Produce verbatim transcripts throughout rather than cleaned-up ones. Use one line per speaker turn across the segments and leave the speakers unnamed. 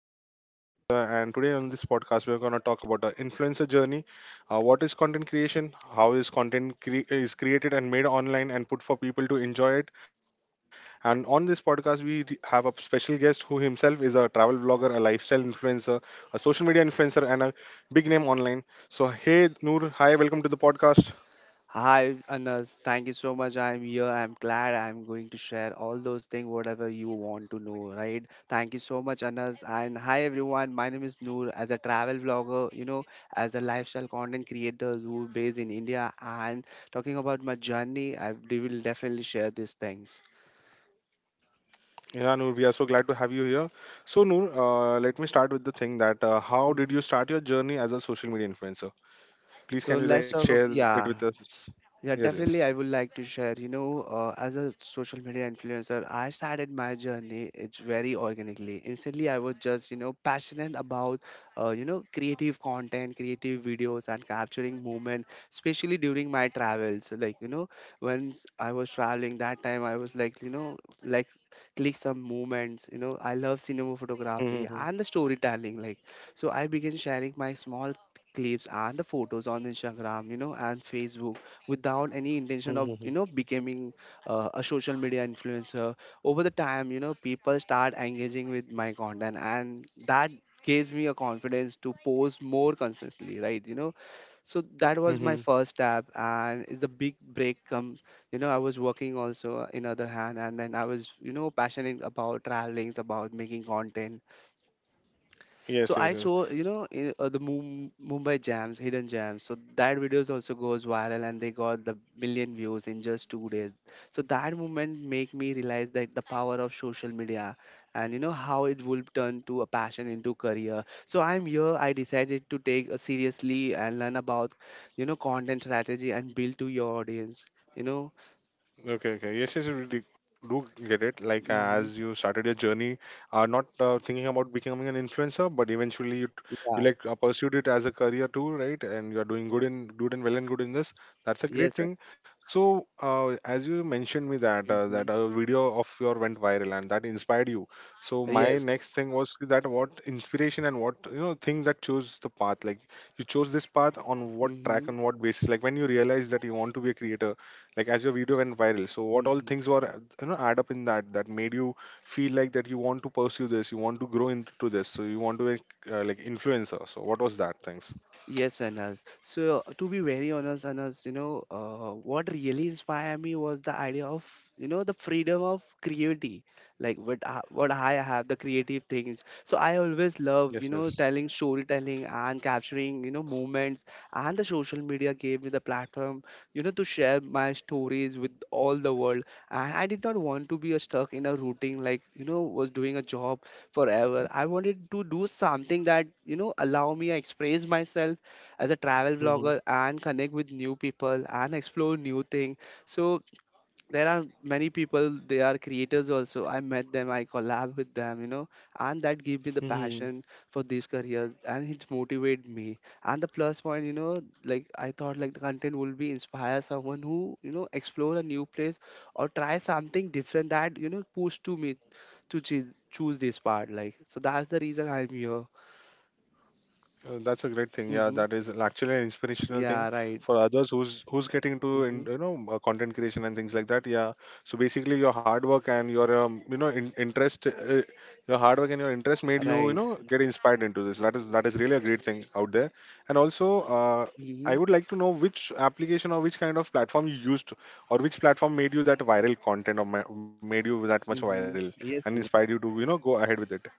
I'm your host Anas here, and today on this podcast we're going to talk about the influencer journey. Uh, what is content creation? How is content cre- is created and made online and put for people to enjoy it? And on this podcast we re- have a special guest who himself is a travel blogger, a lifestyle influencer, a social media influencer, and a big name online. So hey Noor, hi, welcome to the podcast.
Hi, Anas. Thank you so much. I'm here. I'm glad I'm going to share all those things, whatever you want to know, right? Thank you so much, Anas. And hi, everyone. My name is Noor. As a travel vlogger, you know, as a lifestyle content creator who based in India and talking about my journey, I we will definitely share these things.
Yeah, Noor, we are so glad to have you here. So Noor, uh, let me start with the thing that uh, how did
Mhm.
you start your journey as a social media influencer?
So
Please can you
let's
like
talk about,
share it
yeah.
with us?
Yeah,
Yes, yes.
definitely. I would like to share. You know, uh, as a social media influencer, I started my journey. It's very organically. Instantly, I was just you know passionate about uh, you know creative content, creative videos, and capturing moment, especially during my travels. Like you know, once I was traveling that time, I was like you know like click some moments. You know, I love cinema photography
Mm-hmm.
and the storytelling. Like so, I began sharing my small clips and the photos on Instagram, you know, and Facebook without any intention of you
Mm-hmm.
know becoming uh, a social media influencer. Over the time, you know people start engaging with my content, and that gives me a confidence to post more consistently, right? you know so that was my first step. And it's the big break comes. you know I was working also uh, in other hand, and then I was you know passionate about traveling, about making content. So I
Yes, yes,
saw,
yes.
you know, in, uh, the Mum- Mumbai jams, hidden jams. So that videos also goes viral, and they got the million views in just two days. So that moment make me realize that the power of social media, and you know how it will turn to a passion into career. So I'm here. I decided to take a seriously and learn about, you know, content strategy and build to your audience. You know,
Okay, okay. Yes, yes, we do do get it. Like uh,
hmm
as you started your journey, uh, not uh, thinking about becoming an influencer, but eventually you, t-
yeah,
you like uh, pursued it as a career too, right? And you are doing good in good and well and good in this. That's a
yes,
great
sir.
thing. So uh, as you mentioned me that uh,
Hmm.
that a video of your went viral and that inspired you. So my
Yes.
next thing was that what inspiration and what you know things that chose the path. Like you chose this path on what track
Hmm.
on what basis. Like when you realized that you want to be a creator like as your video went viral so what all
Hmm.
things were uh, you know add up in that that made you feel like that you want to pursue this you want to grow into this so you want to like, uh, like influencer so what was that things?
So yes, Anas. So uh, to be very honest, Anas, you know, uh, what really inspired me was the idea of, you know, the freedom of creativity, like what I, what I have, the creative things. So I always love, you
Yes,
know,
yes.
telling storytelling and capturing, you know, moments. And the social media gave me the platform, you know, to share my stories with all the world. And I did not want to be uh, stuck in a routine, like you know, was doing a job forever. I wanted to do something that, you know, allow me to express myself as a travel vlogger and connect with new people and explore new thing. So there are many people, they are creators also. I met them, I collab with them, you know, and that gave me the
Mm-hmm.
passion for this career, and it motivated me. And the plus point, you know, like I thought like the content will be inspire someone who, you know, explore a new place or try something different that, you know, push to me to choo- choose this part. Like, so that's the reason I'm here.
Uh, that's a great thing. Yeah,
Mm-hmm.
that is actually an inspirational thing
Yeah, right.
for others who's who's
Like,
getting into
mm-hmm.
in, you know uh, content creation and things like that. Yeah. So basically, your hard work and your um, you know in, interest, uh, your hard work and your interest made you
Right.
you know get inspired into this. That is that is really a great thing out there. And also, uh, I
Mm-hmm.
would like to know which application or which kind of platform you used, or which platform made you that viral content or ma- made you that much
Mm-hmm.
viral
Yes.
and
Vinod.
inspired you to you know go ahead with it.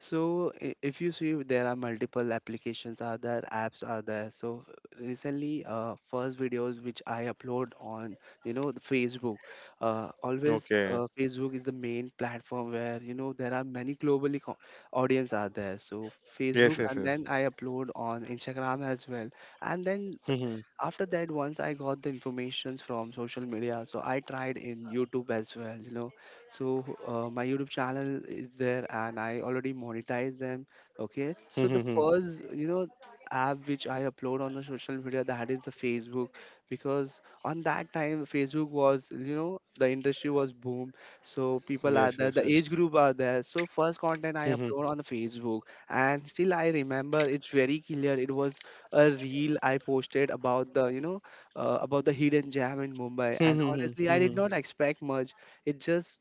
So i- if you see, there are multiple applications are there, apps are there. So recently, uh, first videos which I upload on, you know, the Facebook. Uh, always, uh,
Okay.
Facebook is the main platform where, you know, there are many globally co- audience are there. So Facebook,
Yes.
and
Yes.
then I upload on Instagram as well. And then
Yes.
after that, once I got the informations from social media, so I tried in YouTube as well, you know. So uh, my YouTube channel is there, and I already monetize them. Okay, so the first, you know, app which I upload on the social media, that is the Facebook, because on that time Facebook was, you know, the industry was boom. So people are there,
Yes,
the
yes,
age
yes.
group are there. So first content I upload
Mhm.
on the Facebook. And still I remember, it's very clear, it was a reel I posted about the, you know, uh, about the hidden gem in Mumbai, and honestly,
Mhm.
I did not
Mhm.
expect much. It just,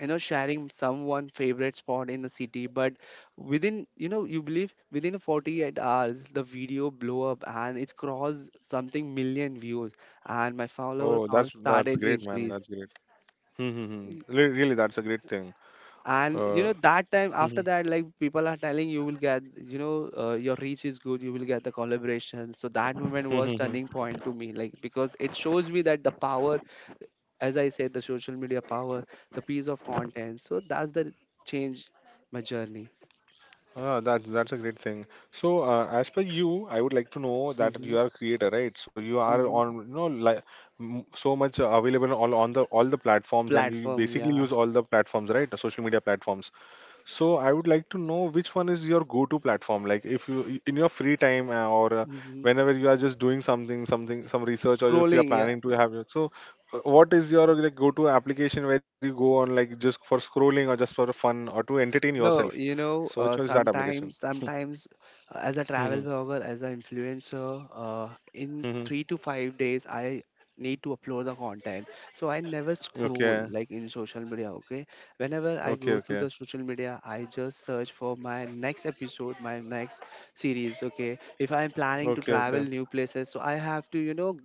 you know, sharing someone favorite spot in the city, but within, you know, you believe within forty-eight hours the video blow up, and it's crossed something million views, and my follower
Oh,
count
that's that's
started
great, man.
increase.
That's great. Mhm. Re- Really, that's a great thing.
And you
Uh,
know that time, after
Mhm.
that, like people are telling you will get, you know, uh, your reach is good, you will get the collaboration. So that moment was
Mhm.
turning point to me, like, because it shows me that the power, as I said, the social media power, the piece of content. So that's the change my journey.
Ah, that's that's a great thing. So, uh, as per you, I would like to know that
Mm-hmm,
you are a creator, right? So you are
mm-hmm.
on, you know, like m- so much uh, available all on the all the platforms, and you, you
Platform,
basically
yeah.
use all the platforms, right? The social media platforms. So I would like to know which one is your go-to platform. Like if you in your free time uh, or uh,
Mm-hmm.
whenever you are just doing something, something, some research, or if you are
Scrolling, yeah.
planning to have your. So uh, what is your like go-to application where you go on like just for scrolling or just for fun or to entertain
No,
yourself?
you know,
So
uh,
which one is that
sometimes,
application?
sometimes, uh, as a travel
Mhm,
blogger, as an influencer, uh, in
mhm.
three to five days, I need to upload the content. So I never scroll
Okay.
like in social media. Okay, whenever I go
Okay.
to the
Okay.
social media, I just search for my next episode, my next series. Okay, if I'm planning to
Okay.
travel
Okay.
new places, so I have to, you know,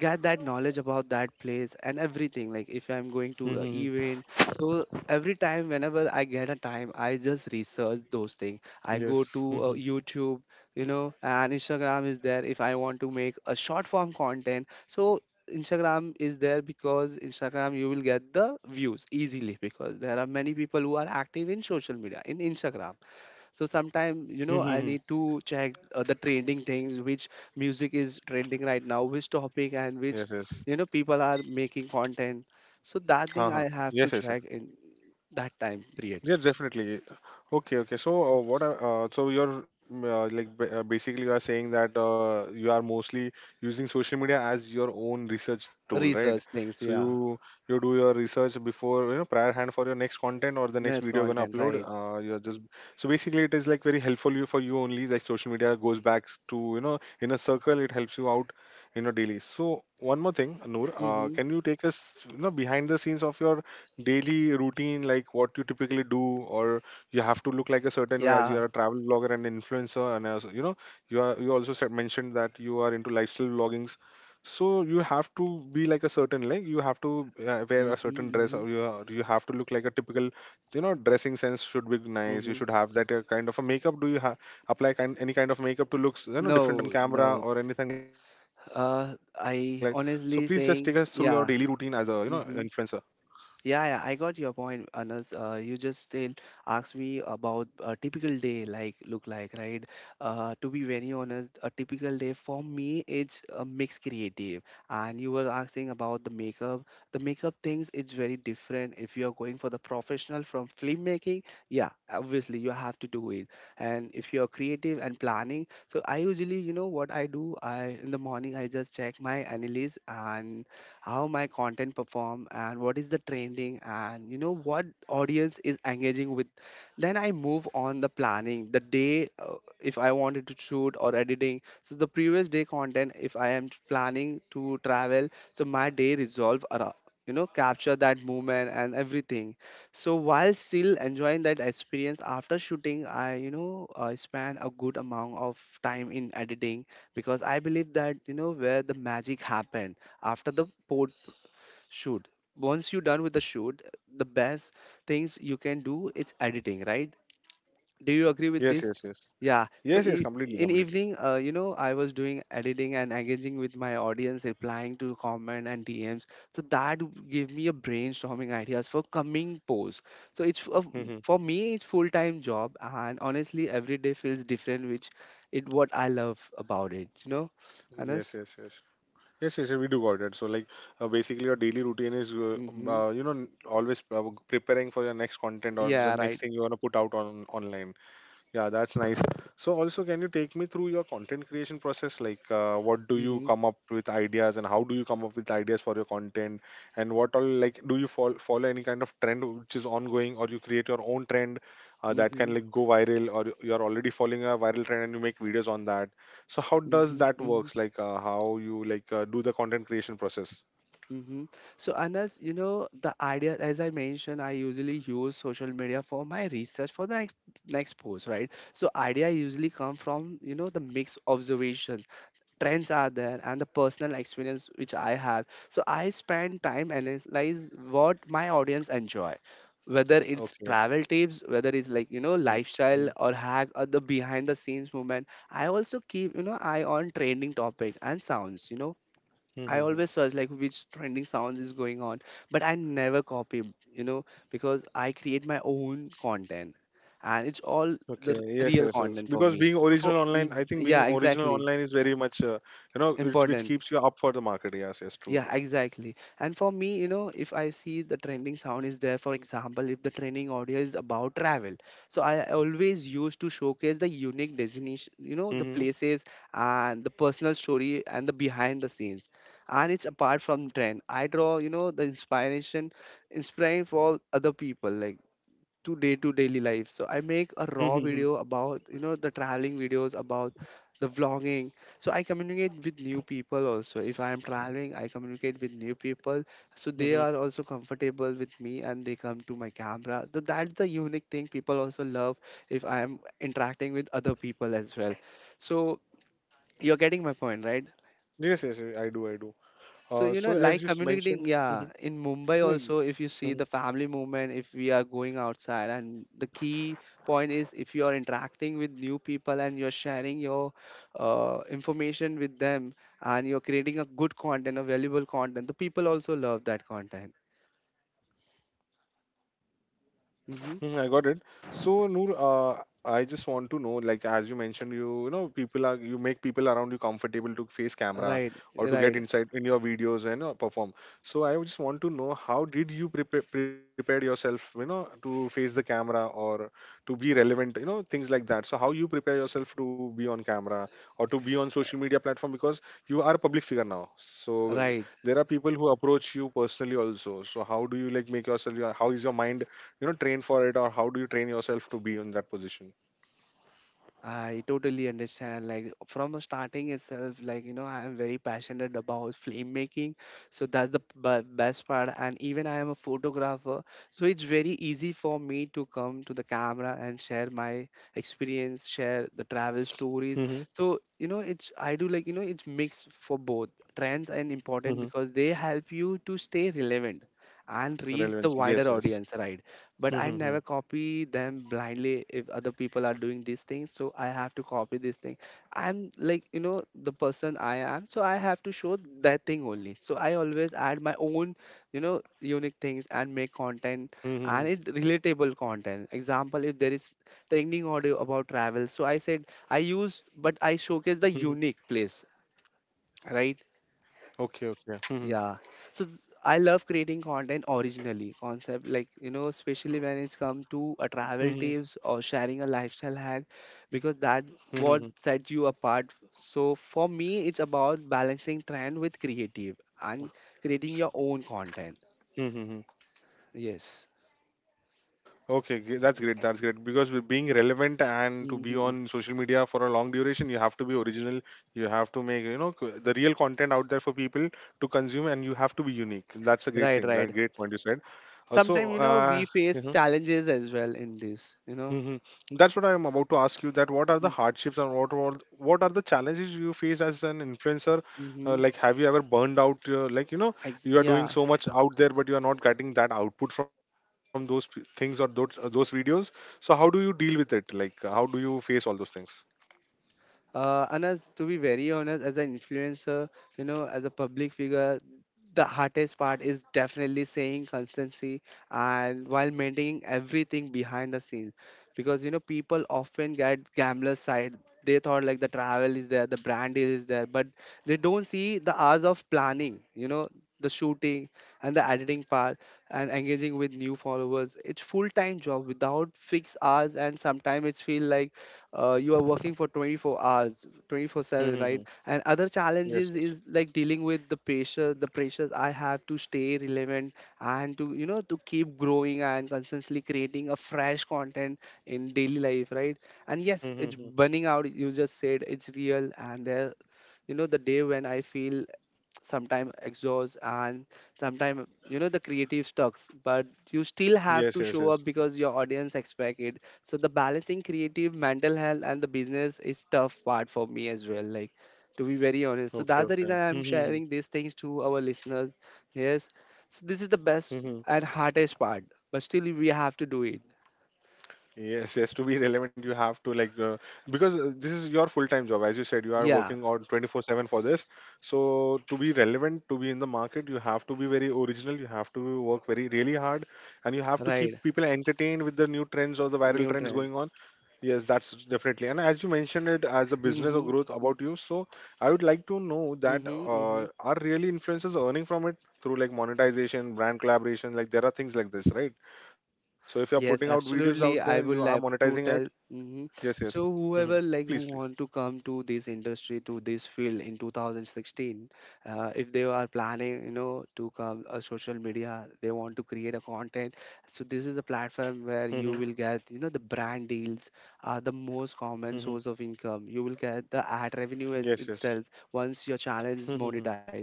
get that knowledge about that place and everything. Like if I'm going to a
Mhm,
event,
mhm.
so every time whenever I get a time, I just research those things. I go to
Yes.
uh,
Mhm,
YouTube, you know. And Instagram is there if I want to make a short form content. So Instagram is there, because Instagram you will get the views easily, because there are many people who are active in social media in Instagram. So sometimes, you know, I
mhm,
need
mhm.
to check uh, the trending things, which music is trending right now, which topic and which,
Yes.
you know,
Yes.
people are making content. So that thing I
हाँ हाँ
have to
yes yes.
check in that time period.
Yeah, definitely. Okay, okay. So, uh, what are, uh, so you're mm, uh, like ba- uh, basically you are saying that uh, you are mostly using social media as your own research tool, right?
Research things,
So
yeah.
you you do your research before you know prior hand for your next content or the next
Nice
video you're gonna
content,
upload.
right.
Uh, you're just so basically it is like very helpful you for you only. Like social media goes back to you know in a circle. It helps you out you know daily. So one more thing, Noor, uh,
Mm-hmm.
can you take us you know behind the scenes of your daily routine like what you typically do or you have to look like a certain way as
Yeah.
you are a travel blogger and influencer and as you know you are you also said mentioned that you are into lifestyle vloggings so you have to be like a certain like you have to uh, wear a
Mm-hmm,
certain dress
mm-hmm,
or you, are- you have to look like a typical you know dressing sense should be nice you
mm-hmm.
should have that uh, kind of a makeup do you ha- apply kind, any kind of makeup to looks you know different on
No,
camera
no.
or anything like so please just
Uh,
take us through your
I
daily routine
honestly
as a
saying,
you know
yeah.
influencer.
Mm-hmm. Yeah, yeah, I got your point, Anas. Uh, you just then asked me about a typical day like look like, right? Uh, to be very honest, a typical day for me it's a mix creative. And you were asking about the makeup. The makeup things it's very different. If you are going for the professional from filmmaking, yeah, obviously you have to do it. And if you are creative and planning, so I usually, you know what I do? I In the morning I just check my analysis and how my content perform, and what is the trending, and you know what audience is engaging with. Then I move on the planning the day. Uh, if I wanted to shoot or editing, so the previous day content, if I am planning to travel, so my day resolve around, you know, capture that movement and everything. So while still enjoying that experience, after shooting, I, you know, I spend a good amount of time in editing, because I believe that, you know, where the magic happened. After the pod shoot. Once you're done with the shoot, the best things you can do is editing, right? Do you agree with
Yes,
this?
yes, yes.
Yeah.
Yes,
So
yes,
e-
completely,
in
completely.
evening, uh, you know, I was doing editing and engaging with my audience, replying to comment and D Ms. So that w- gave me a brainstorming ideas for coming posts. So it's f- a, f-
Hmm.
for me, it's full time job, and honestly, every day feels different, which it what I love about it. You know,
Yes,
Anas.
yes, yes. Yes, yes, we do got it. So, like, uh, basically, your daily routine is, uh,
Mm-hmm.
uh, you know, n- always uh, preparing for your next content or
Yeah.
the
Right.
next thing you want to put out on online. Yeah, that's nice. So also, can you take me through your content creation process? Like, uh, what do you
Mm-hmm.
come up with ideas, and how do you come up with ideas for your content, and what all like do you follow follow any kind of trend which is ongoing, or you create your own trend uh, that can
Mm-hmm,
like go viral, or you're already following a viral trend and you make videos on that. So how does
mm-hmm,
that
mm-hmm,
works? Like, uh, how you like uh, do the content creation process?
mm-hmm. So, Anas, you know, the idea, as I mentioned, I usually use social media for my research for the ex- next post, right? So, idea usually come from, you know, the mixed observation, trends are there, and the personal experience which I have. So, I spend time analyze what my audience enjoy. Whether it's
Okay.
travel tips, whether it's like, you know, lifestyle or hack or the behind the scenes movement, I also keep, you know, eye on trending topics and sounds. You know, I
Mm-hmm.
always search like which trending sounds is going on, but I never copy, you know, because I create my own content, and it's all the
Okay.
r-
Yes,
real
yes, yes.
content for
Because
me.
being
So for,
original online,
mm,
I think being
yeah,
original
exactly.
online is very much, uh, you know, which, which
Important.
keeps you up for the market. Yes, yes, true,
Yeah,
true.
exactly. And for me, you know, if I see the trending sound is there, for example, if the trending audio is about travel, so I always used to showcase the unique destination, you know, the
Mm-hmm.
places and the personal story and the behind the scenes. And it's apart from trend. I draw, you know, the inspiration, inspiring for other people. Like to day to daily life. So I make a raw
Mm-hmm.
video about, you know, the traveling videos about the vlogging. So I communicate with new people also. If I am traveling, I communicate with new people. So they
Mm-hmm.
are also comfortable with me, and they come to my camera. So that's the unique thing people also love if I am interacting with other people as well. So you're getting my point, right?
Yes, yes, yes, I do, I do.
So,
Uh,
you know,
so as
like
you s-
communicating,
mentioned,
yeah,
mm-hmm.
in Mumbai
Yeah, yeah.
also, if you see
Mm-hmm.
the family movement, if we are going outside, and the key point is if you are interacting with new people and you're sharing your uh, information with them, and you're creating a good content, a valuable content, the people also love that content. Hmm.
Mm, I got it. So, Noor, uh, I just want to know, like as you mentioned, you you know people are you make people around you comfortable to face camera
Right,
or to get
right,
insight in your videos and uh, perform. So, I just want to know how did you prepare prepared yourself, you know, to face the camera or to be relevant, you know, things like that. So, how you prepare yourself to be on camera or to be on social media platform because you are a public figure now. So,
right.
there are people who approach you personally also. So, how do you like make yourself? How is your mind? You know train for it or how do you train yourself to be in that position?
I totally understand. Like from a starting itself, like you know, I am very passionate about film making, so that's the b- best part. And even I am a photographer, so it's very easy for me to come to the camera and share my experience, share the travel stories.
Mhm,
So you know, it's I do like you know, it's mixed for both trends and important
mhm,
because they help you to stay relevant and reach the
relevancy
wider
yes yes
audience, right? But
mhm,
I never
mhm,
copy them blindly if other people are doing these things. So I have to copy this thing. I'm like, you know, the person I am. So I have to show that thing only. So I always add my own, you know, unique things and make content,
mhm,
and it relatable content. Example, if there is trending audio about travel. So I said I use, but I
mhm.
showcase the unique place, right?
Okay, okay. Mhm,
Yeah, so th- I love creating content originally concept, like you know, especially when it's come to a
mhm,
travel tips or sharing a lifestyle hack, because that
mhm,
what set you apart. So for me it's about balancing trend with creative and creating your own content.
mhm, mhm.
Yes.
Okay, g- that's great that's great because with being relevant and to be
Hmm.
on social media for a long duration you have to be original. You have to make you know c- the real content out there for people to consume and you have to be unique. That's a great
Right,
thing,
right.
right? Great point you said. uh, so
Sometimes you know
uh,
we face
mm-hmm.
challenges as well in this, you know.
Hmm. That's what I am about to ask you. That what are the hardships and what were what are the challenges you face as an influencer? Uh,
Mm-hmm.
like, have you ever burned out? Uh, like, you know, you are doing
Yeah.
so much out there, but you are not getting that output from those p- things or those uh, those videos. So, how do you deal with it? Like, uh, how do you face all those things?
Uh, and as to be very honest, as an influencer, you know, as a public figure, the hardest part is definitely saying constancy and while maintaining everything behind the scenes. Because, you know, people often get gambler's side. They thought like the travel is there, the brand deal is there, but they don't see the hours of planning, you know, the shooting and the editing part and engaging with new followers. It's full-time job without fixed hours, and sometimes it's feel like uh, you are working for twenty-four hours twenty-four seven,
Mm-hmm.
right? And other
Yes,
challenges
yes.
is like dealing with the pressure, the pressures I have to stay relevant and to, you know, to keep growing and constantly creating a fresh content in daily life, right? And yes, it's
Mm-hmm.
burning out, you just said, it's real. And there, you know, the day when I feel sometimes exhaust, and sometimes you know the creative stucks, but you still
Yes, yes,
have to
yes.
show up because your audience expect it. So the balancing creative mental health and the business is tough part for me as well, like, to be very honest. So
Okay,
that's the
okay.
reason I'm
Mm-hmm. Mm-hmm.
sharing these things to our listeners. Yes. So this is the best
Mm-hmm.
and hardest part, but still we have to do it.
Yes, yes. To be relevant, you have to like uh, because uh, this is your full-time job, as you said, you are
Yeah,
working on twenty-four seven for this. So to be relevant, to be in the market, you have to be very original. You have to work very really hard, and you have to
right.
keep people entertained with the new trends or the viral
New
trends
trend.
going on. Yes, that's definitely. And as you mentioned it as a business or
Mm-hmm,
growth
mm-hmm,
about you, so I would like to know that
mm-hmm.
uh, are really influencers earning from it through like monetization, brand collaboration, like there are things like this, right? So if you're putting out
Yes,
videos out there,
absolutely.
you are
I would like
monetizing it.
to tell. hmm
Yes, yes.
So
Hmm.
whoever like
Please,
who
please.
want to come to this industry, to this field in two thousand sixteen, uh, if they are planning, you know, to come a social media, they want to create a content. So this is a platform where you
Hmm.
will get, you know, the brand deals are the most common
Hmm.
source of income. You will get the ad revenue
Yes,
as
yes.
itself once your channel is
Hmm.
monetized,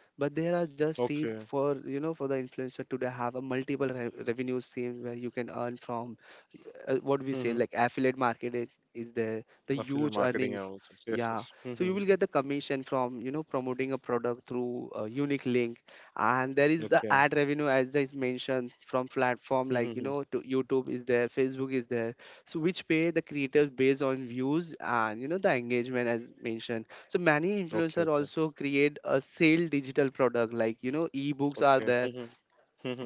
but there are just tip, for
Okay.
you know, for the influencer today, have a multiple re- revenue stream where you can earn from, uh, what we say, like
Hmm.
affiliate marketing is there, the huge
Affiliate
earning.
marketing and all things. Yes,
Yeah,
yes.
so you will
Hmm.
get the commission from, you know, promoting a product through a unique link. And there is the ad
Okay.
revenue as is mentioned from platform like, you know,
Hmm.
to YouTube is there, Facebook is there, so which pay the creators based on views and, you know, the engagement. As mentioned, so many influencer
Okay, okay.
also create a sale digital product, like, you know, ebooks are there,
Okay.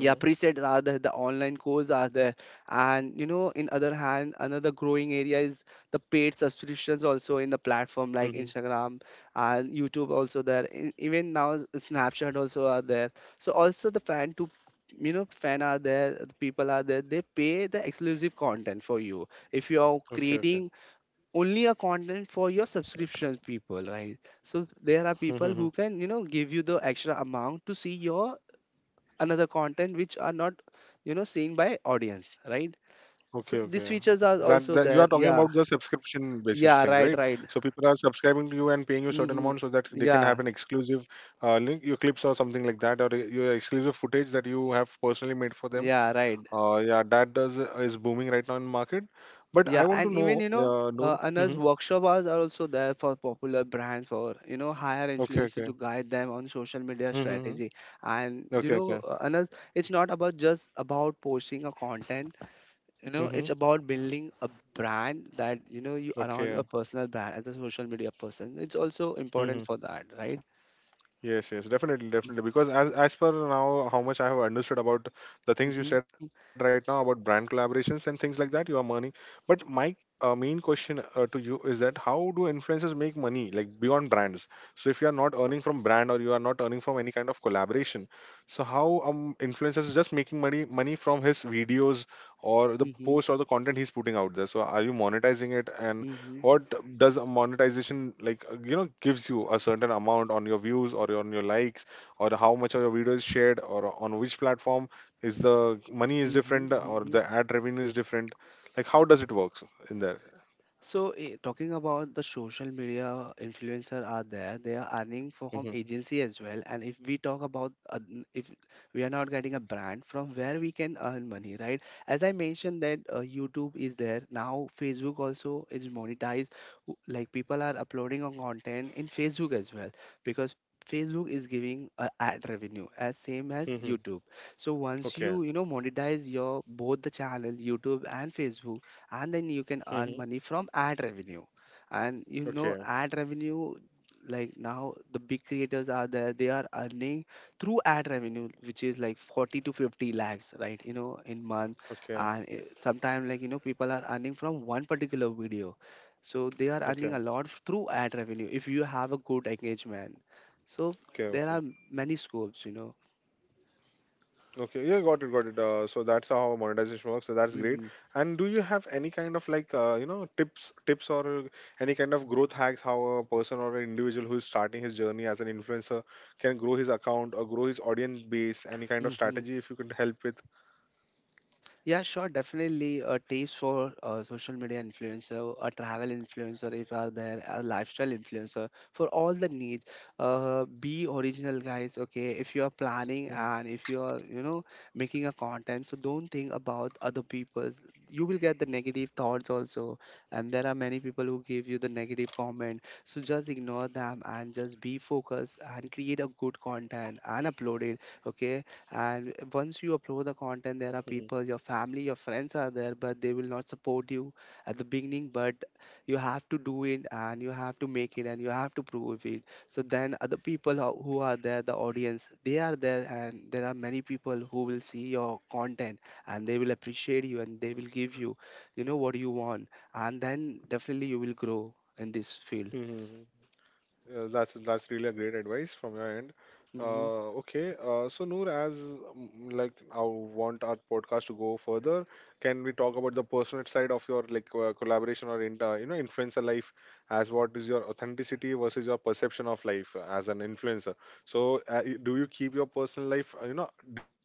Hmm. Hmm.
presets are there, the online courses are there. And you know, in other hand, another growing area is the paid subscriptions also in the platform like
Hmm.
Instagram and YouTube also there. E- even now Snapchat also are there. So also the fan to, you know, fan are there, the people are there, they pay the exclusive content for you if you are
Okay,
creating only a content for your subscription people, right? So there are people who
okay.
can, you know, give you the extra amount to see your another content which are not, you know, seen by audience, right? So these
Okay,
features
okay.
are
That,
also
that you
there.
are talking
Yeah,
about the subscription basis
yeah,
things,
right,
right?
right.
So people are subscribing to you and paying you certain
Mm-hmm.
amount so that they can
Yeah,
have an exclusive uh, link, your clips or something like that, or your exclusive footage that you have personally made for them.
yeah, right.
Uh, yeah, that does is booming right now in market. But
Yeah,
I want to
and
know,
even you know,
uh,
uh,
Noor. Hmm.
another workshop hours are also there for popular brands for, you know, hire
Okay,
influencer
okay.
to guide them on social media
Hmm.
strategy. And you
Okay,
know,
okay.
uh, another, it's not about just about posting a content, you know,
Hmm.
it's about building a brand, that you know, you around
Okay.
a personal brand as a social media person. It's also
Mm-hmm.
important for that, right?
Yes, yes, definitely, definitely. Because as as per now, how much I have understood about the things you
Mm-hmm,
said right now about brand collaborations and things like that, you are earning. But my uh, main question uh, to you is that how do influencers make money, like beyond brands? So if you are not earning from brand or you are not earning from any kind of collaboration, so how um influencers is just making money money from his videos or the
mm-hmm,
post or the content he's putting out there? So are you monetizing it, and
mm-hmm,
what does a monetization like uh, you know gives you a certain amount on your views or on your likes or how much of your video is shared, or on which platform is the money is different or
mm-hmm.
the ad revenue is different, like how does it work in there?
So, eh, talking about the social media influencer are there, they are earning from
Mm-hmm.
agency as well. And if we talk about uh, n- if we are not getting a brand from where we can earn money, right? As I mentioned that uh, YouTube is there now, Facebook also is monetized. w- Like people are uploading on content in Facebook as well, because Facebook is giving uh, ad revenue as same as
Mm-hmm.
YouTube. So once
Okay.
you, you know, monetize your both the channel, YouTube and Facebook, and then you can
Mm-hmm.
earn money from ad revenue, and you know,
Okay.
ad revenue, like now the big creators are there, they are earning through ad revenue which is like forty to fifty lakhs, right, you know, in month.
Okay.
And sometimes, like you know, people are earning from one particular video, so they are
Okay.
earning a
Okay.
lot through ad revenue if you have a good engagement. So there
Okay.
are many scopes, you know.
Okay, yeah, got it, got it. Uh, so that's how monetization works. So that's great. And do you have any kind of like uh, you know tips, tips or any kind of growth hacks, how a person or an individual who is starting his journey as an influencer can grow his account or grow his audience base? Any kind of
Hmm.
strategy if you could help with?
Yeah, sure, definitely. Uh, tips for uh, social media influencer, a travel influencer, if are there, a lifestyle influencer for all the needs. Uh, be original, guys. Okay, if you are planning
Mhm.
and if you are, you know, making a content, so don't think about other people's. You will get the negative thoughts also, and there are many people who give you the negative comment. So just ignore them and just be focused and create a good content and upload it. Okay, and once you
Mhm.
upload the content, there are people, your family, your friends are there, but they will not support you at the beginning. But you have to do it, and you have to make it, and you have to prove it. So then other people who who are there, the audience, they are there, and there are many people who will see your content, and they will appreciate you, and they will give you, you know, what you want, and then definitely you will grow in this field.
Uh, that's that's really a great advice from your end.
Hmm.
Uh, okay, uh, so, Noor, as mm, like, I want our podcast to go further, can we talk about the personal side of your like uh, collaboration or in, uh, you know influencer life? As what is your authenticity versus your perception of life uh, as an influencer? So uh, y- do you keep your personal life uh, you know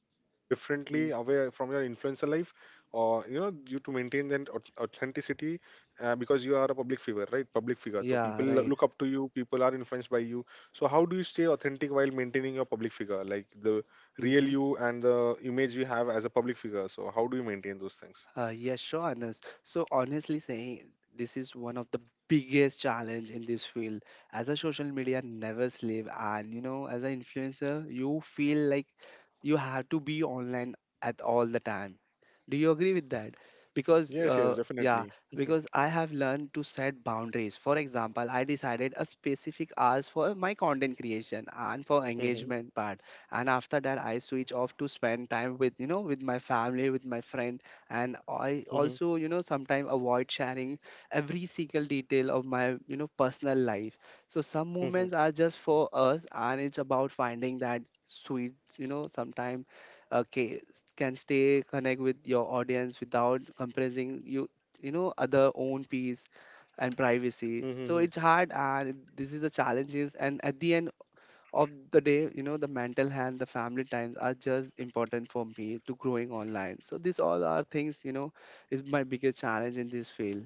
differently away from your influencer life, or you know you to maintain that au- authenticity uh, because you are a public figure, right? public figure So
Yeah,
people lo-
right.
look up to you, people are influenced by you, so how do you stay authentic while maintaining your public figure, like the real
Mm-hmm.
you and the image you have as a public figure? So how do you maintain those things?
Uh, yeah, sure, Anas. So honestly saying, this is one of the biggest challenge in this field. As a social media never sleep, and you know, as an influencer, you feel like you have to be online at all the time. Do you agree with that? Because
Yes,
uh,
yes,
yeah,
definitely.
because I have learned to set boundaries. For example, I decided a specific hours for my content creation and for
Mhm,
engagement part, and after that, I switch off to spend time with, you know, with my family, with my friend. And I
mhm, mhm,
also, you know, sometimes avoid sharing every single detail of my, you know, personal life. So some moments
mhm,
are just for us, and it's about finding that sweet, you know, sometime, okay, can stay connect with your audience without compressing you, you know, other own peace and privacy. So
mhm.
it's hard, and this is the challenges. And at the end of the day, you know, the mental health, the family times are just important for me to growing online. So these all are things, you know, is my biggest challenge in this field.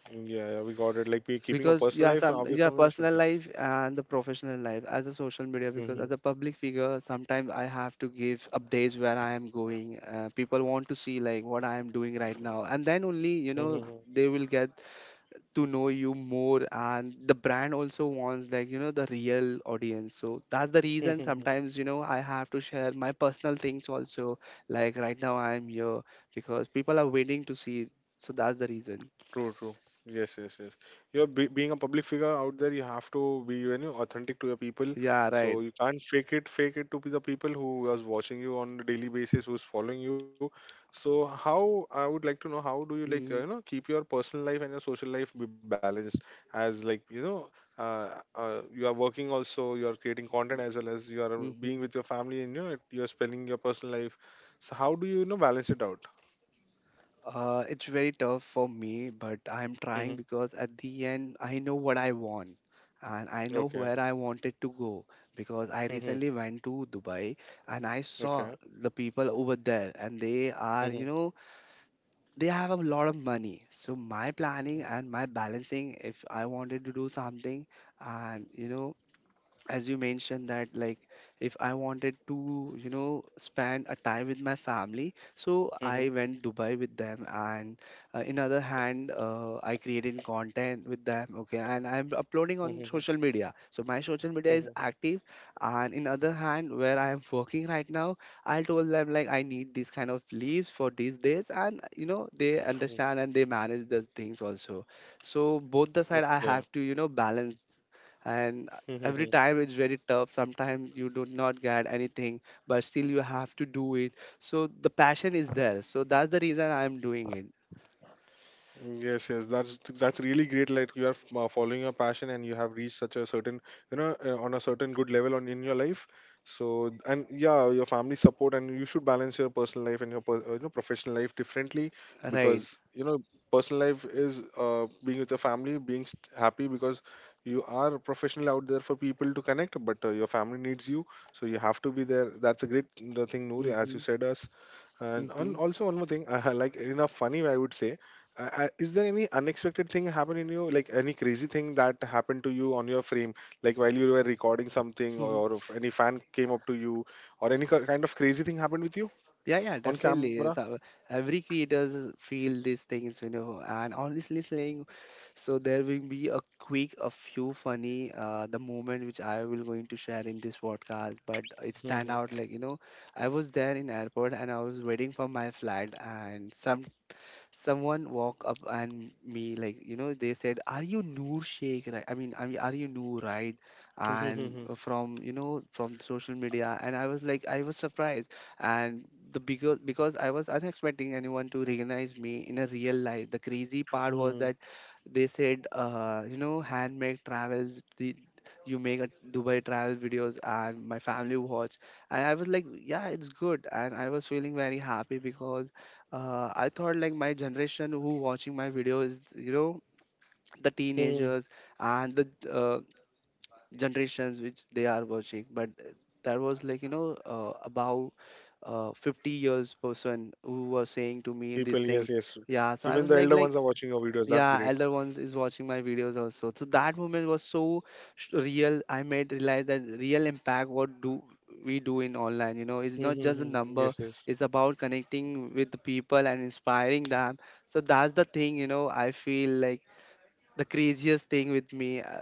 Mhm. Yeah, yeah, we got it. Like we keeping a
Because
personal
yeah,
life
some
away
yeah
from your
personal
social-
life and the professional life as a social media, because
Mhm,
as a public figure, sometimes I have to give updates where I am going. Uh, people want to see like what I am doing right now, and then only, you know,
mhm,
they will get to know you more. And the brand also wants like, you know, the real audience. So that's the reason
mhm.
sometimes, you know, I have to share my personal things also. Like right now I'm here because people are waiting to see. So that's the reason.
True, true. Yes, yes, yes. You're be- being a public figure out there. You have to be, you know, authentic to your people.
Yeah, right.
So you can't fake it, fake it to be the people who is watching you on a daily basis, who's following you. So how I would like to know, how do you like, uh, you
Mm-hmm.
know, keep your personal life and your social life be balanced as like, you know, uh, uh, you are working also, you are creating content, as well as you are
Mm-hmm.
being with your family and, you know, you are spending your personal life. So how do you, you know, balance it out?
Uh, it's very tough for me, but I'm
Mm-hmm.
trying because at the end, I know what I want and I know
Okay.
where I wanted to go because I
Mm-hmm.
recently went to Dubai and I saw the people over there, and they are, you
Okay.
know, they have a lot of money. So my planning and my balancing, if I wanted to do something and, you know, as you mentioned that, like if I wanted to, you know, spend a time with my family, so I
Mhm,
went Dubai with them, and uh, in other hand, uh, I created content with them, okay, and I'm uploading on
mhm,
social media, so my social media is
mhm,
active, and in other hand where I am working right now, I told them like I need this kind of leaves for these days, and you know they
mhm.
understand, and they manage those things also. So both the side I
Okay.
have to, you know, balance. And uh,
Mhm.
every time it's very tough. Sometimes you do not get anything, but still you have to do it. So the passion is there, so that's the reason I'm doing it.
Yes, yes, that's that's really great. Like, you are f- uh, following your passion and you have reached such a certain, you know, uh, on a certain good level on in your life. So and yeah, your family support, and you should balance your personal life and your per, uh, you know professional life differently,
Right.
because you know personal life is uh, being with your family, being st happy, because you are a professional out there for people to connect, but uh, your family needs you, so you have to be there. That's a great uh, thing, Noor, as
Mm-hmm.
you said us. And on,
Mm-hmm.
also one more thing, uh, like in a funny way, I would say, uh, uh, is there any unexpected thing happen in you, like any crazy thing that happened to you on your frame, like while you were recording something,
Mm-hmm.
or, or if any fan came up to you, or any ki- kind of crazy thing happened with you
Yeah, yeah,
on camera?
definitely. So every creators feel these things, you know, and honestly saying, so there will be a quick a few funny uh, the moment which I will going to share in this podcast, but it stand out like you know, I was there in airport and I was waiting for my flight, and some someone walk up and me like, you know, they said, are you Noor Sheikh, right? I mean i mean are you Noor, right?
Mhm.
And
Mhm.
uh, from you know from social media, and I was like, I was surprised. And the because because I was unexpecting anyone to recognize me in a real life. The crazy part was
Mhm.
that they said, uh, you know, Handmade Travels, the you make a Dubai travel videos and my family watch. And I was like, yeah, it's good. And I was feeling very happy because uh, I thought like my generation who watching my videos, you know, the
Mhm.
teenagers and the uh, generations which they are watching, but uh, that was like you know uh, about uh, fifty years person who was saying to
People,
me
yes,
these
yes.
things. Yeah,
Even
so
the
I was
elder
like
ones are
like
watching your videos. That's
yeah,
great.
elder ones is watching my videos also. So that moment was so sh- real. I made realize that real impact what do we do in online, you know, is not just a
Mhm.
number.
Yes, yes.
It's about connecting with the people and inspiring them. So that's the thing, you know. I feel like the craziest thing with me. uh,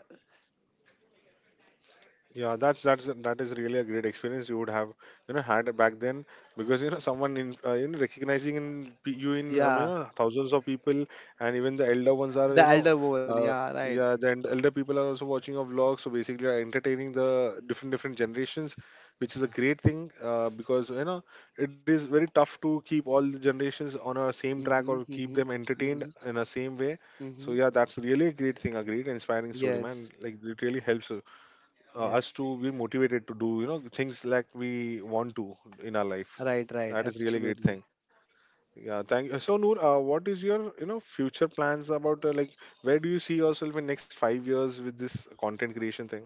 Yeah, that's that's that is really a great experience you would have, you know, had back then, because you know someone in uh, you know recognizing in pe- you in um, you
Yeah,
know thousands of people, and even the elder ones are,
the
you know,
elder one.
uh,
Yeah, right.
yeah, then elder people are also watching a vlogs, so basically are entertaining the different different generations, which is a great thing uh, because you know it is very tough to keep all the generations on a same track
Mhm,
or keep
mhm,
them entertained
mhm,
in a same way. So
mhm.
yeah, that's really a great thing, a great inspiring story,
Yes,
man. Like, it really helps uh, uh, us
yes.
to be motivated to do, you know, things like we want to in our life.
Right, right.
That is really great
Absolutely.
thing. Yeah, thank you so, Noor. Uh, what is your, you know, future plans about uh, like where do you see yourself in next five years with this content creation thing?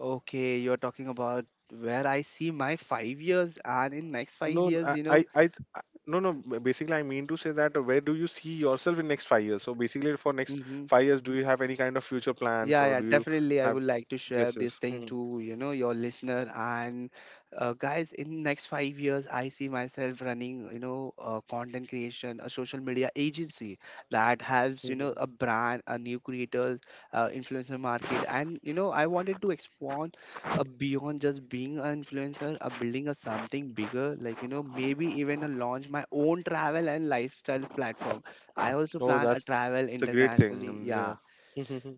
Okay, you're talking about where I see my five years, and in next five
No
years,
I
you know,
I, I th- I- no no b- Basically, I mean to say that, uh, where do you see yourself in next five years? So basically for next
mm-hmm,
five years, do you have any kind of future plans
yeah,
or
yeah,
do you
definitely. I would
have?
like to share
Yes,
this
yes.
thing
Hmm.
to, you know, your listener. And uh, guys, in next five years, I see myself running, you know, uh, content creation, a social media agency that helps, you know, a brand, a new creators, uh, influencer market. And, you know, I wanted to expand uh, beyond just being an influencer, uh, building a something bigger, like, you know, maybe even uh, launch my own travel and lifestyle platform. I also
Oh,
plan a
that's a great
travel
thing. And yeah,
internationally. Yeah.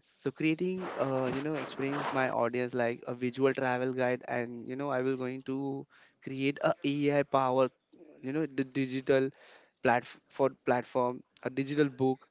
So creating, uh, you know, experience my audience like a visual travel guide, and you know, I will going to create a AI power, you know, the digital platform for platform, a digital book.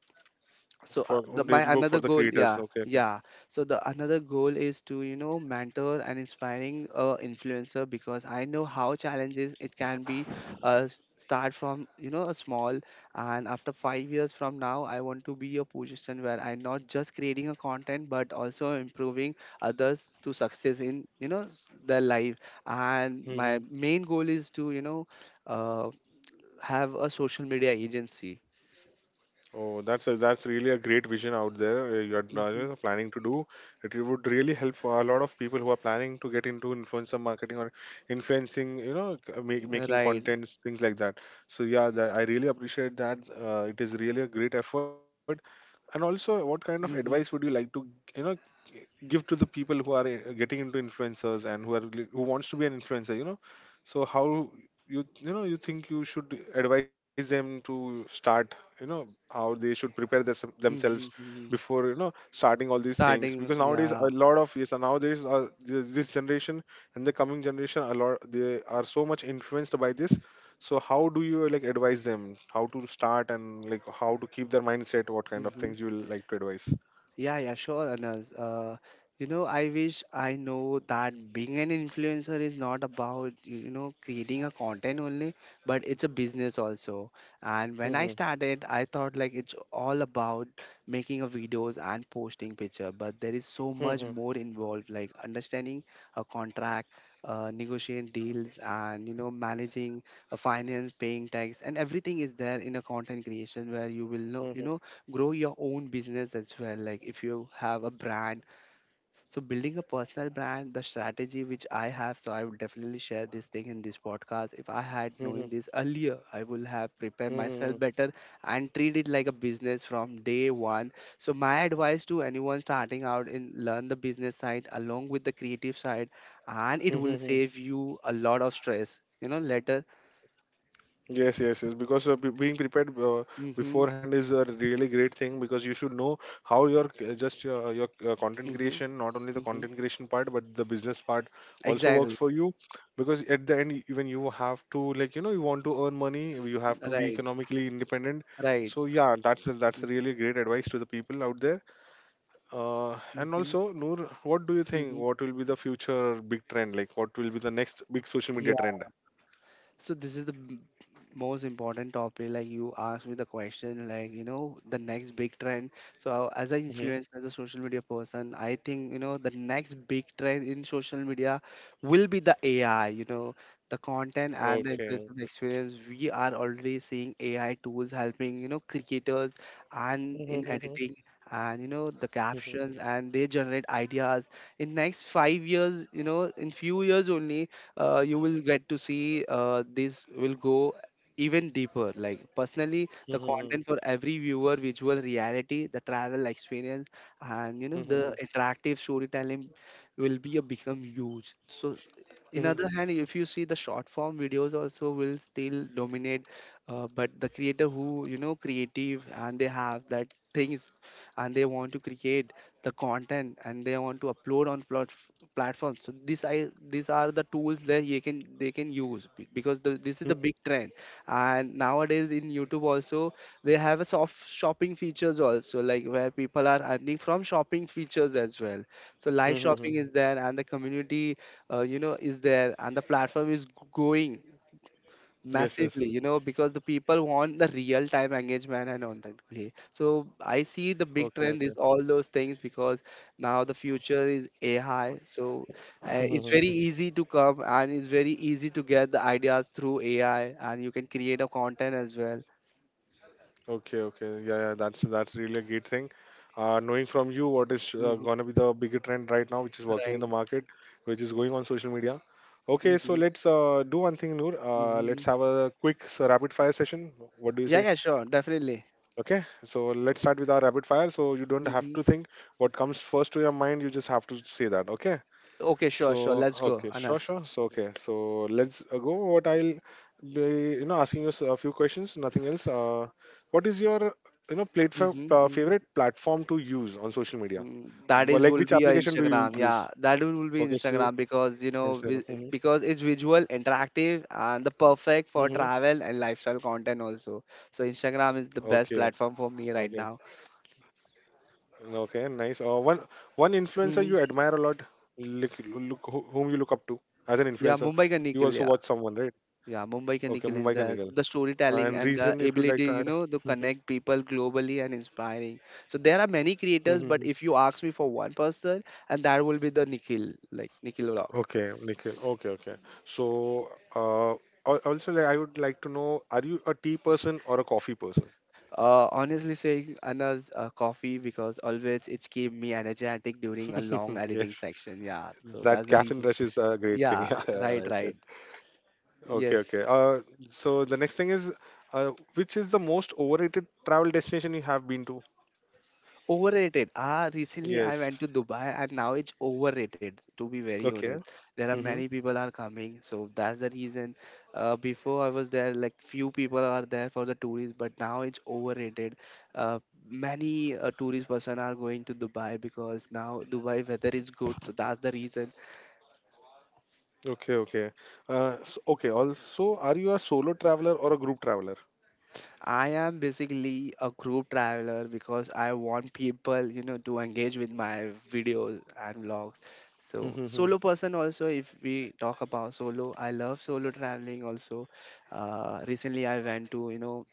for
So uh,
little
the,
book for the
my another
creators.
goal,
Okay,
yeah,
okay.
yeah. So the another goal is to, you know, mentor and inspiring uh, influencer because I know how challenges it can be. Uh, s- start from you know a small, and after five years from now I want to be a position where I not just creating a content, but also improving others to success in you know s- their life. And
Hmm,
my
hmm.
main goal is to, you know, uh, have a social media agency.
Oh, that's a, that's really a great vision out there. uh, You are, uh,
Hmm.
you know, planning to do it. Would really help for a lot of people who are planning to get into influencer marketing or influencing, you know, c- uh, make, making
Right.
contents, things like that. So yeah, that, I really appreciate that. Uh, it is really a great effort. And also, what kind of advice would you
Mm-hmm.
like to, you know, g- give to the people who are uh, getting into influencers and who are li- who wants to be an influencer, you know? So how you, you know, you think you should advise them to start, you know, how they should prepare this, themselves
Mhm, mhm.
before, you know, starting all these things? Because
Starting,
nowadays a
yeah.
lot of, yes, and nowadays uh, this, this generation and the coming generation a lot, they are so much influenced by this. So how do you like advise them, how to start and like how to keep their mindset? What kind of
Mhm.
things you will like to advise?
Yeah, yeah, sure, Anas. Uh, you know, I wish I know that being an influencer is not about, you know, creating a content only, but it's a business also. And when I
Hmm,
started, I thought like it's all about making a videos and posting picture, but there is so
hmm,
much
hmm,
more involved, like understanding a contract, uh, negotiating deals, and you know, managing a finance, paying tax, and everything is there in a content creation where you will know,
hmm,
you
hmm,
know, grow your own business as well, like if you have a brand. So building a personal brand, the strategy which I have, so I will definitely share this thing in this podcast. If I had
hmm, hmm, hmm,
knowing this earlier, I will have prepared
hmm,
myself better and treat it like a business from day one. So my advice to anyone starting out in learn the business side along with the creative side, and it
hmm,
will
hmm, hmm.
save you a lot of stress you know later.
Yes, yes, yes. Because uh, be- being prepared uh,
Mm-hmm,
beforehand is a really great thing, because you should know how your c- uh, just your, your uh, content
mm-hmm,
creation, not only the
mm-hmm.
content creation part, but the business part also works
Exactly.
for you. Because at the end, even you have to, like, you know, you want to earn money, you have to be
Right,
economically independent.
right.
So yeah, that's that's really
Mm-hmm,
great advice to the people out there. Uh, and
mm-hmm.
also, Noor, what do you think?
Mm-hmm.
What will be the future big trend? Like, what will be the next big social
Yeah.
media trend?
So this is the m- most important topic. Like you asked me the question, like you know, the next big trend. So as an
Hmm.
influencer, as a social media person, I think you know the next big trend in social media will be the A I. You know, the content and the
Okay.
impressive experience. We are already seeing A I tools helping you know creators and in editing, and you know the
Mhm,
captions, and they generate ideas. In next five years, you know, in few years only, uh, you will get to see uh, this will go even deeper, like personally the
mhm,
content for every viewer, visual reality, the travel experience, and you know
mhm,
the
mhm,
interactive storytelling will be a become huge. So s- in
mhm,
other hand, if you see the short form videos also will still dominate, uh, but the creator who, you know, creative and they have that things and they want to create the content, and they want to upload on plot platforms. So these i these are the tools that you can they can use, be- because the, this is
mhm.
the big trend. And nowadays in YouTube also, they have a soft shopping features also, like where people are earning from shopping features as well. So live
Hmm.
shopping is there and the community, uh, you know, is there, and the platform is g- growing
Yes, yes.
massively, you know, because the people want the real time engagement and on that play. So I see the
Okay,
big
okay.
trend is all those things because now the future is A I. So uh, it's
Mhm.
very easy to come, and it's very easy to get the ideas through A I, and you can create a content as well.
Okay, okay. Yeah, yeah. That's that's really a great thing. Uh, knowing from you what is uh,
Hmm.
gonna be the bigger trend right now, which is working in
Right.
the market, which is going on social media. Okay, so
Hmm.
let's uh, do one thing, Noor. Uh,
Hmm.
let's have a quick s rapid fire session. What do you
Yeah,
say?
yeah, sure, definitely.
Okay, so let's start with our rapid fire. So you don't have
Hmm.
to think what comes first to your mind. You just have to say that. Okay.
Okay, sure, sure.
So
Let's go,
okay, sure,
Anas.
sure. So okay, so let's uh, go. What I'll be, you know, asking you s- a few questions. Nothing else. Uh, what is your, you know,
Hmm.
platform uh,
Hmm.
favorite platform to use on social media?
Mm, that
Wha-
is
Like,
will
which
be your
application do you
Instagram.
use?
Yeah, that will will be
Okay, so you-
Instagram because you know
Instagram.
vi-
Mm-hmm.
because it's visual, interactive, and the perfect for
Mm-hmm.
travel and lifestyle content also. So
Okay,
Instagram is the best
okay,
platform for me right now.
okay. Nice. Uh, one one influencer you admire a
Mm,
lot. Look, look, who- whom you look up to as an influencer.
yeah, Mumbai
You
Ka
also watch
Nikhil. Yeah,
someone, right?
yeah,
Okay,
Mumbai Ka
Mumbai ka
Nikhil is
Nigal.
the the
And
storytelling
reason
and
if
the
you like to add.
ability you know to connect people globally and inspiring. So there are many creators, but if you ask me for one person, and that will be the Nikhil, like Nikhil vlog.
Okay, Nikhil. Okay, okay. So, uh, al- also, like, I would like to know, are you a tea person or a coffee person?
Uh, honestly saying, Anna's uh, coffee because always it keep me energetic during a long editing
Yes,
section. Yeah, so that's
that
the reason.
caffeine rush is a great
Yeah,
thing. Yeah, yeah,
right,
right.
right.
Right. Okay,
Yes.
okay. Uh, so the next thing is, uh, which is the most overrated travel destination you have been to?
Overrated. Ah, recently I
Yes.
went to Dubai, and now it's overrated, to be very
Okay.
honest. There are
Mm-hmm.
many people are coming, so that's the reason. Uh, before I was there, like few people are there for the tourists, but now it's overrated. Uh, Many uh, tourist person are going to Dubai because now Dubai weather is good, so that's the reason.
Okay, okay. Uh, so, okay. Also, are you a solo traveler or a group traveler?
I am basically a group traveler because I want people, you know, to engage with my videos and vlogs. So
Mm-hmm.
solo person also, if we talk about solo, I love solo traveling also. Uh, recently I went to, you know,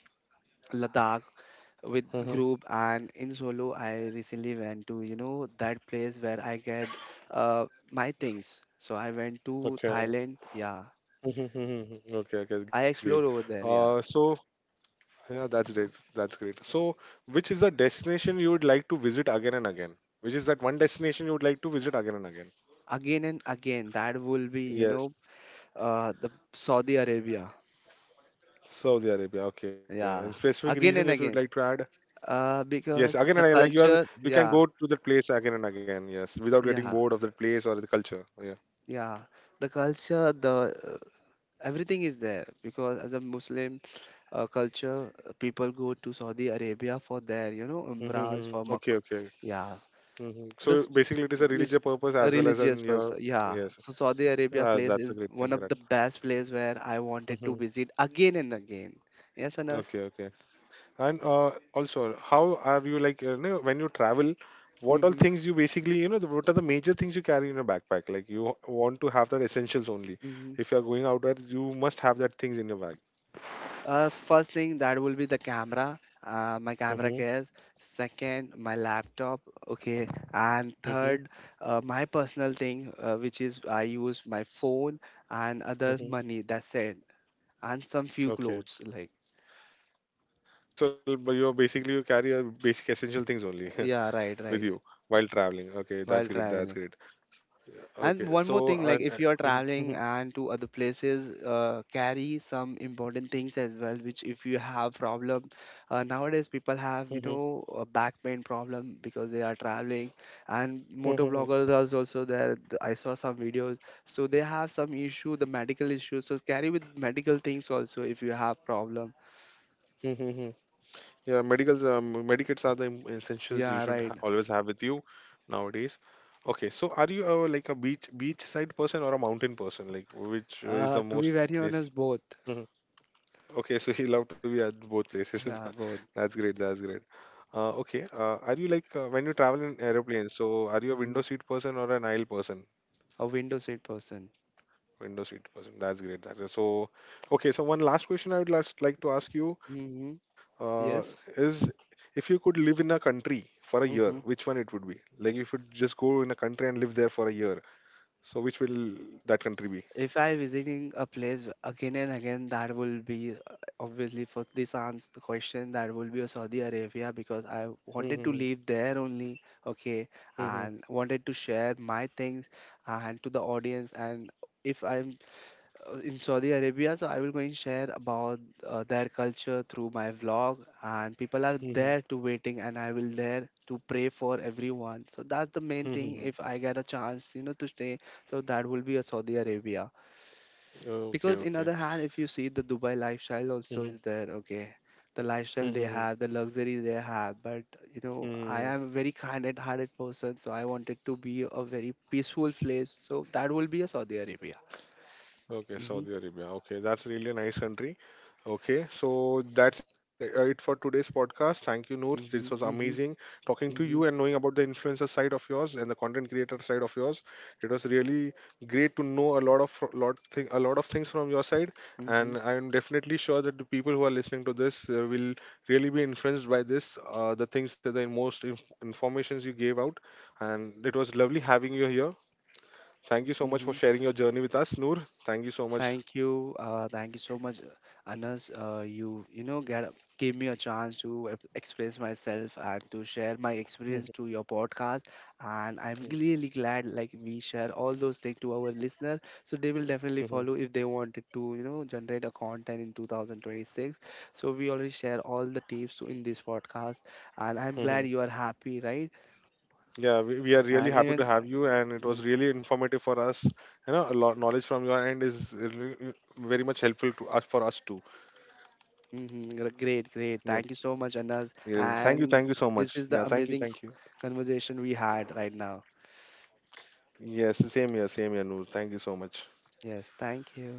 Ladakh with
Mm-hmm.
group, and in solo I recently went to, you know, that place where I get uh, my things. So I went to Thailand.
Okay.
Yeah.
Mm-hmm. Mm-hmm, mm-hmm. Okay,
I
okay, great.
explore over there. Yeah.
Uh, so. Yeah, that's great. That's great. So, which is the destination you would like to visit again and again? Which is that one destination you would like to visit again and again?
Again and again, that will be you know
Yes,
Uh, the Saudi Arabia.
Saudi Arabia. Okay. And
Yeah.
specific reason if
Again and
you'd like to
again.
add?
Uh,
Yes,
because
again and
the
again. Like you are,
culture,
you can
yeah,
go to the place again and again. Yes, without getting
yeah,
bored of the place or the culture. Yeah.
yeah. The culture, the uh, everything is there because as a Muslim uh, culture, uh, people go to Saudi Arabia for their, you know, umrahs
Mm-hmm.
for mak
Okay. Okay.
yeah.
Hmm, so
This s-
basically, it is a religious
mis-
purpose
a
as well as in
religious
your.
person, yeah.
Yes.
So Saudi Arabia
Ah,
place
that's a
is
great
one
thing,
of
right?
the best place where I wanted to
Hmm.
visit again and again. Yes, Anas.
Okay. Okay. And uh, also, how are you like, uh, you know, when you travel? What all
Mm-hmm.
things you basically you know the, what are the major things you carry in your backpack? Like, you want to have that essentials only.
Mm-hmm.
If you are going out there, you must have that things in your bag.
Uh, first thing that will be the camera, uh, my camera
Hmm.
case. Second, my laptop. Okay, and
Hmm.
third, uh, my personal thing, uh, which is I use my phone and other
Hmm.
money. That's it, and some few
Okay.
clothes. Like
Okay. So, but you are basically you carry your basic essential things only,
yeah, right, right.
with you while traveling. Okay,
While
that's great.
traveling.
That's great.
And one
Okay.
more thing,
So,
like if
and,
you are
uh, mhm,
traveling
mhm,
and to other places, uh, carry some important things as well. Which if you have problem, uh, nowadays people have you
mhm,
know a back pain problem because they are traveling, and motor
mhm,
bloggers are also there. th- I saw some videos, so they have some issue, the medical issue. So carry with medical things also if you have problem.
mhm, mhm. Yeah, medicals, um, medikits are the im- essentials you
Yeah,
should
right.
ha- always have with you nowadays. Okay, so are you uh, like a beach beachside person or a mountain person? Like, which is
Uh,
the
to be
most
very
place?
honest, both.
Mhm. Okay, so you love to be at both places.
Yeah, both.
That's great. That's great. Uh, okay, uh, are you like, uh, when you travel in aeroplanes? So, are you a window
Mm.
seat person or an aisle person?
A window seat person.
Windows eight percent. That's great. That- So, okay. So one last question I would last like to ask you
Hmm.
uh, is,
Yes.
if you could live in a country for a year, which one
Mm-hmm.
it would be? Like, if you just go in a country and live there for a year, so which will that country be?
If I visiting a place again and again, that will be uh, obviously for this answer the question that will be a Saudi Arabia because I
Hmm.
wanted to
Hmm.
live there only, okay,
Hmm.
and wanted to share my things and to the audience. And if I'm uh, in Saudi Arabia, so I will going to share about uh, their culture through my vlog, and people are
Hmm.
there to waiting, and I will there to pray for everyone. So that's the main
Hmm. Hmm.
thing.
Hmm.
If I get a chance, you know, to stay, so that will be a Saudi Arabia
Hmm. Okay.
because in
Okay.
other hand, if you see the Dubai lifestyle also
Hmm.
is there, okay, the
Hmm.
lifestyle they
Hmm.
have, the luxury they have, but you know I
Hmm.
am a very kind hearted person, so I wanted to be a very peaceful place, so that will be a Saudi Arabia.
Okay,
Mm-hmm,
Saudi Arabia. Okay, that's really a nice country. Okay, so that's uh, it for today's podcast. Thank you, Noor. This was
mm-hmm,
amazing
mm-hmm,
talking to you and
mm-hmm,
knowing about the influencer side of yours and the content creator side of yours. It was really great to know a lot of fro- lot thing, a lot of things from your side, and I'm definitely sure that the people who are listening to this uh, will really be influenced by this, uh, the things that the most inf- informations you gave out, and it was lovely having you here. Thank you so much for
mm-hmm.
sharing your journey with us, Noor. Thank you so much.
Thank you. Uh, thank you so much, uh, Anas. Uh, you you know get give me a chance to ep- express myself and to share my experience to your podcast. And I'm
Mhm,
really glad like we share all those things to our listener, so they will definitely follow if they wanted to you know generate a content in two thousand twenty-six. So we already share all the tips in this podcast, and I'm
mhm.
glad you are happy, right?
Yeah, we, we are really
And
happy to
even.
have you, and it was really informative for us. You know, a lot knowledge from your end is really- uh, very much helpful to us for us too.
Mm-hmm. Great, great. Thank you
Yeah,
so much, Anas.
yeah. Thank you,
And
thank you so
this
much.
is
Yeah,
the
thank you,
amazing
thank you.
conversation we had right now.
Yes, same here, same here, Noor. Thank you so much.
Yes, thank you.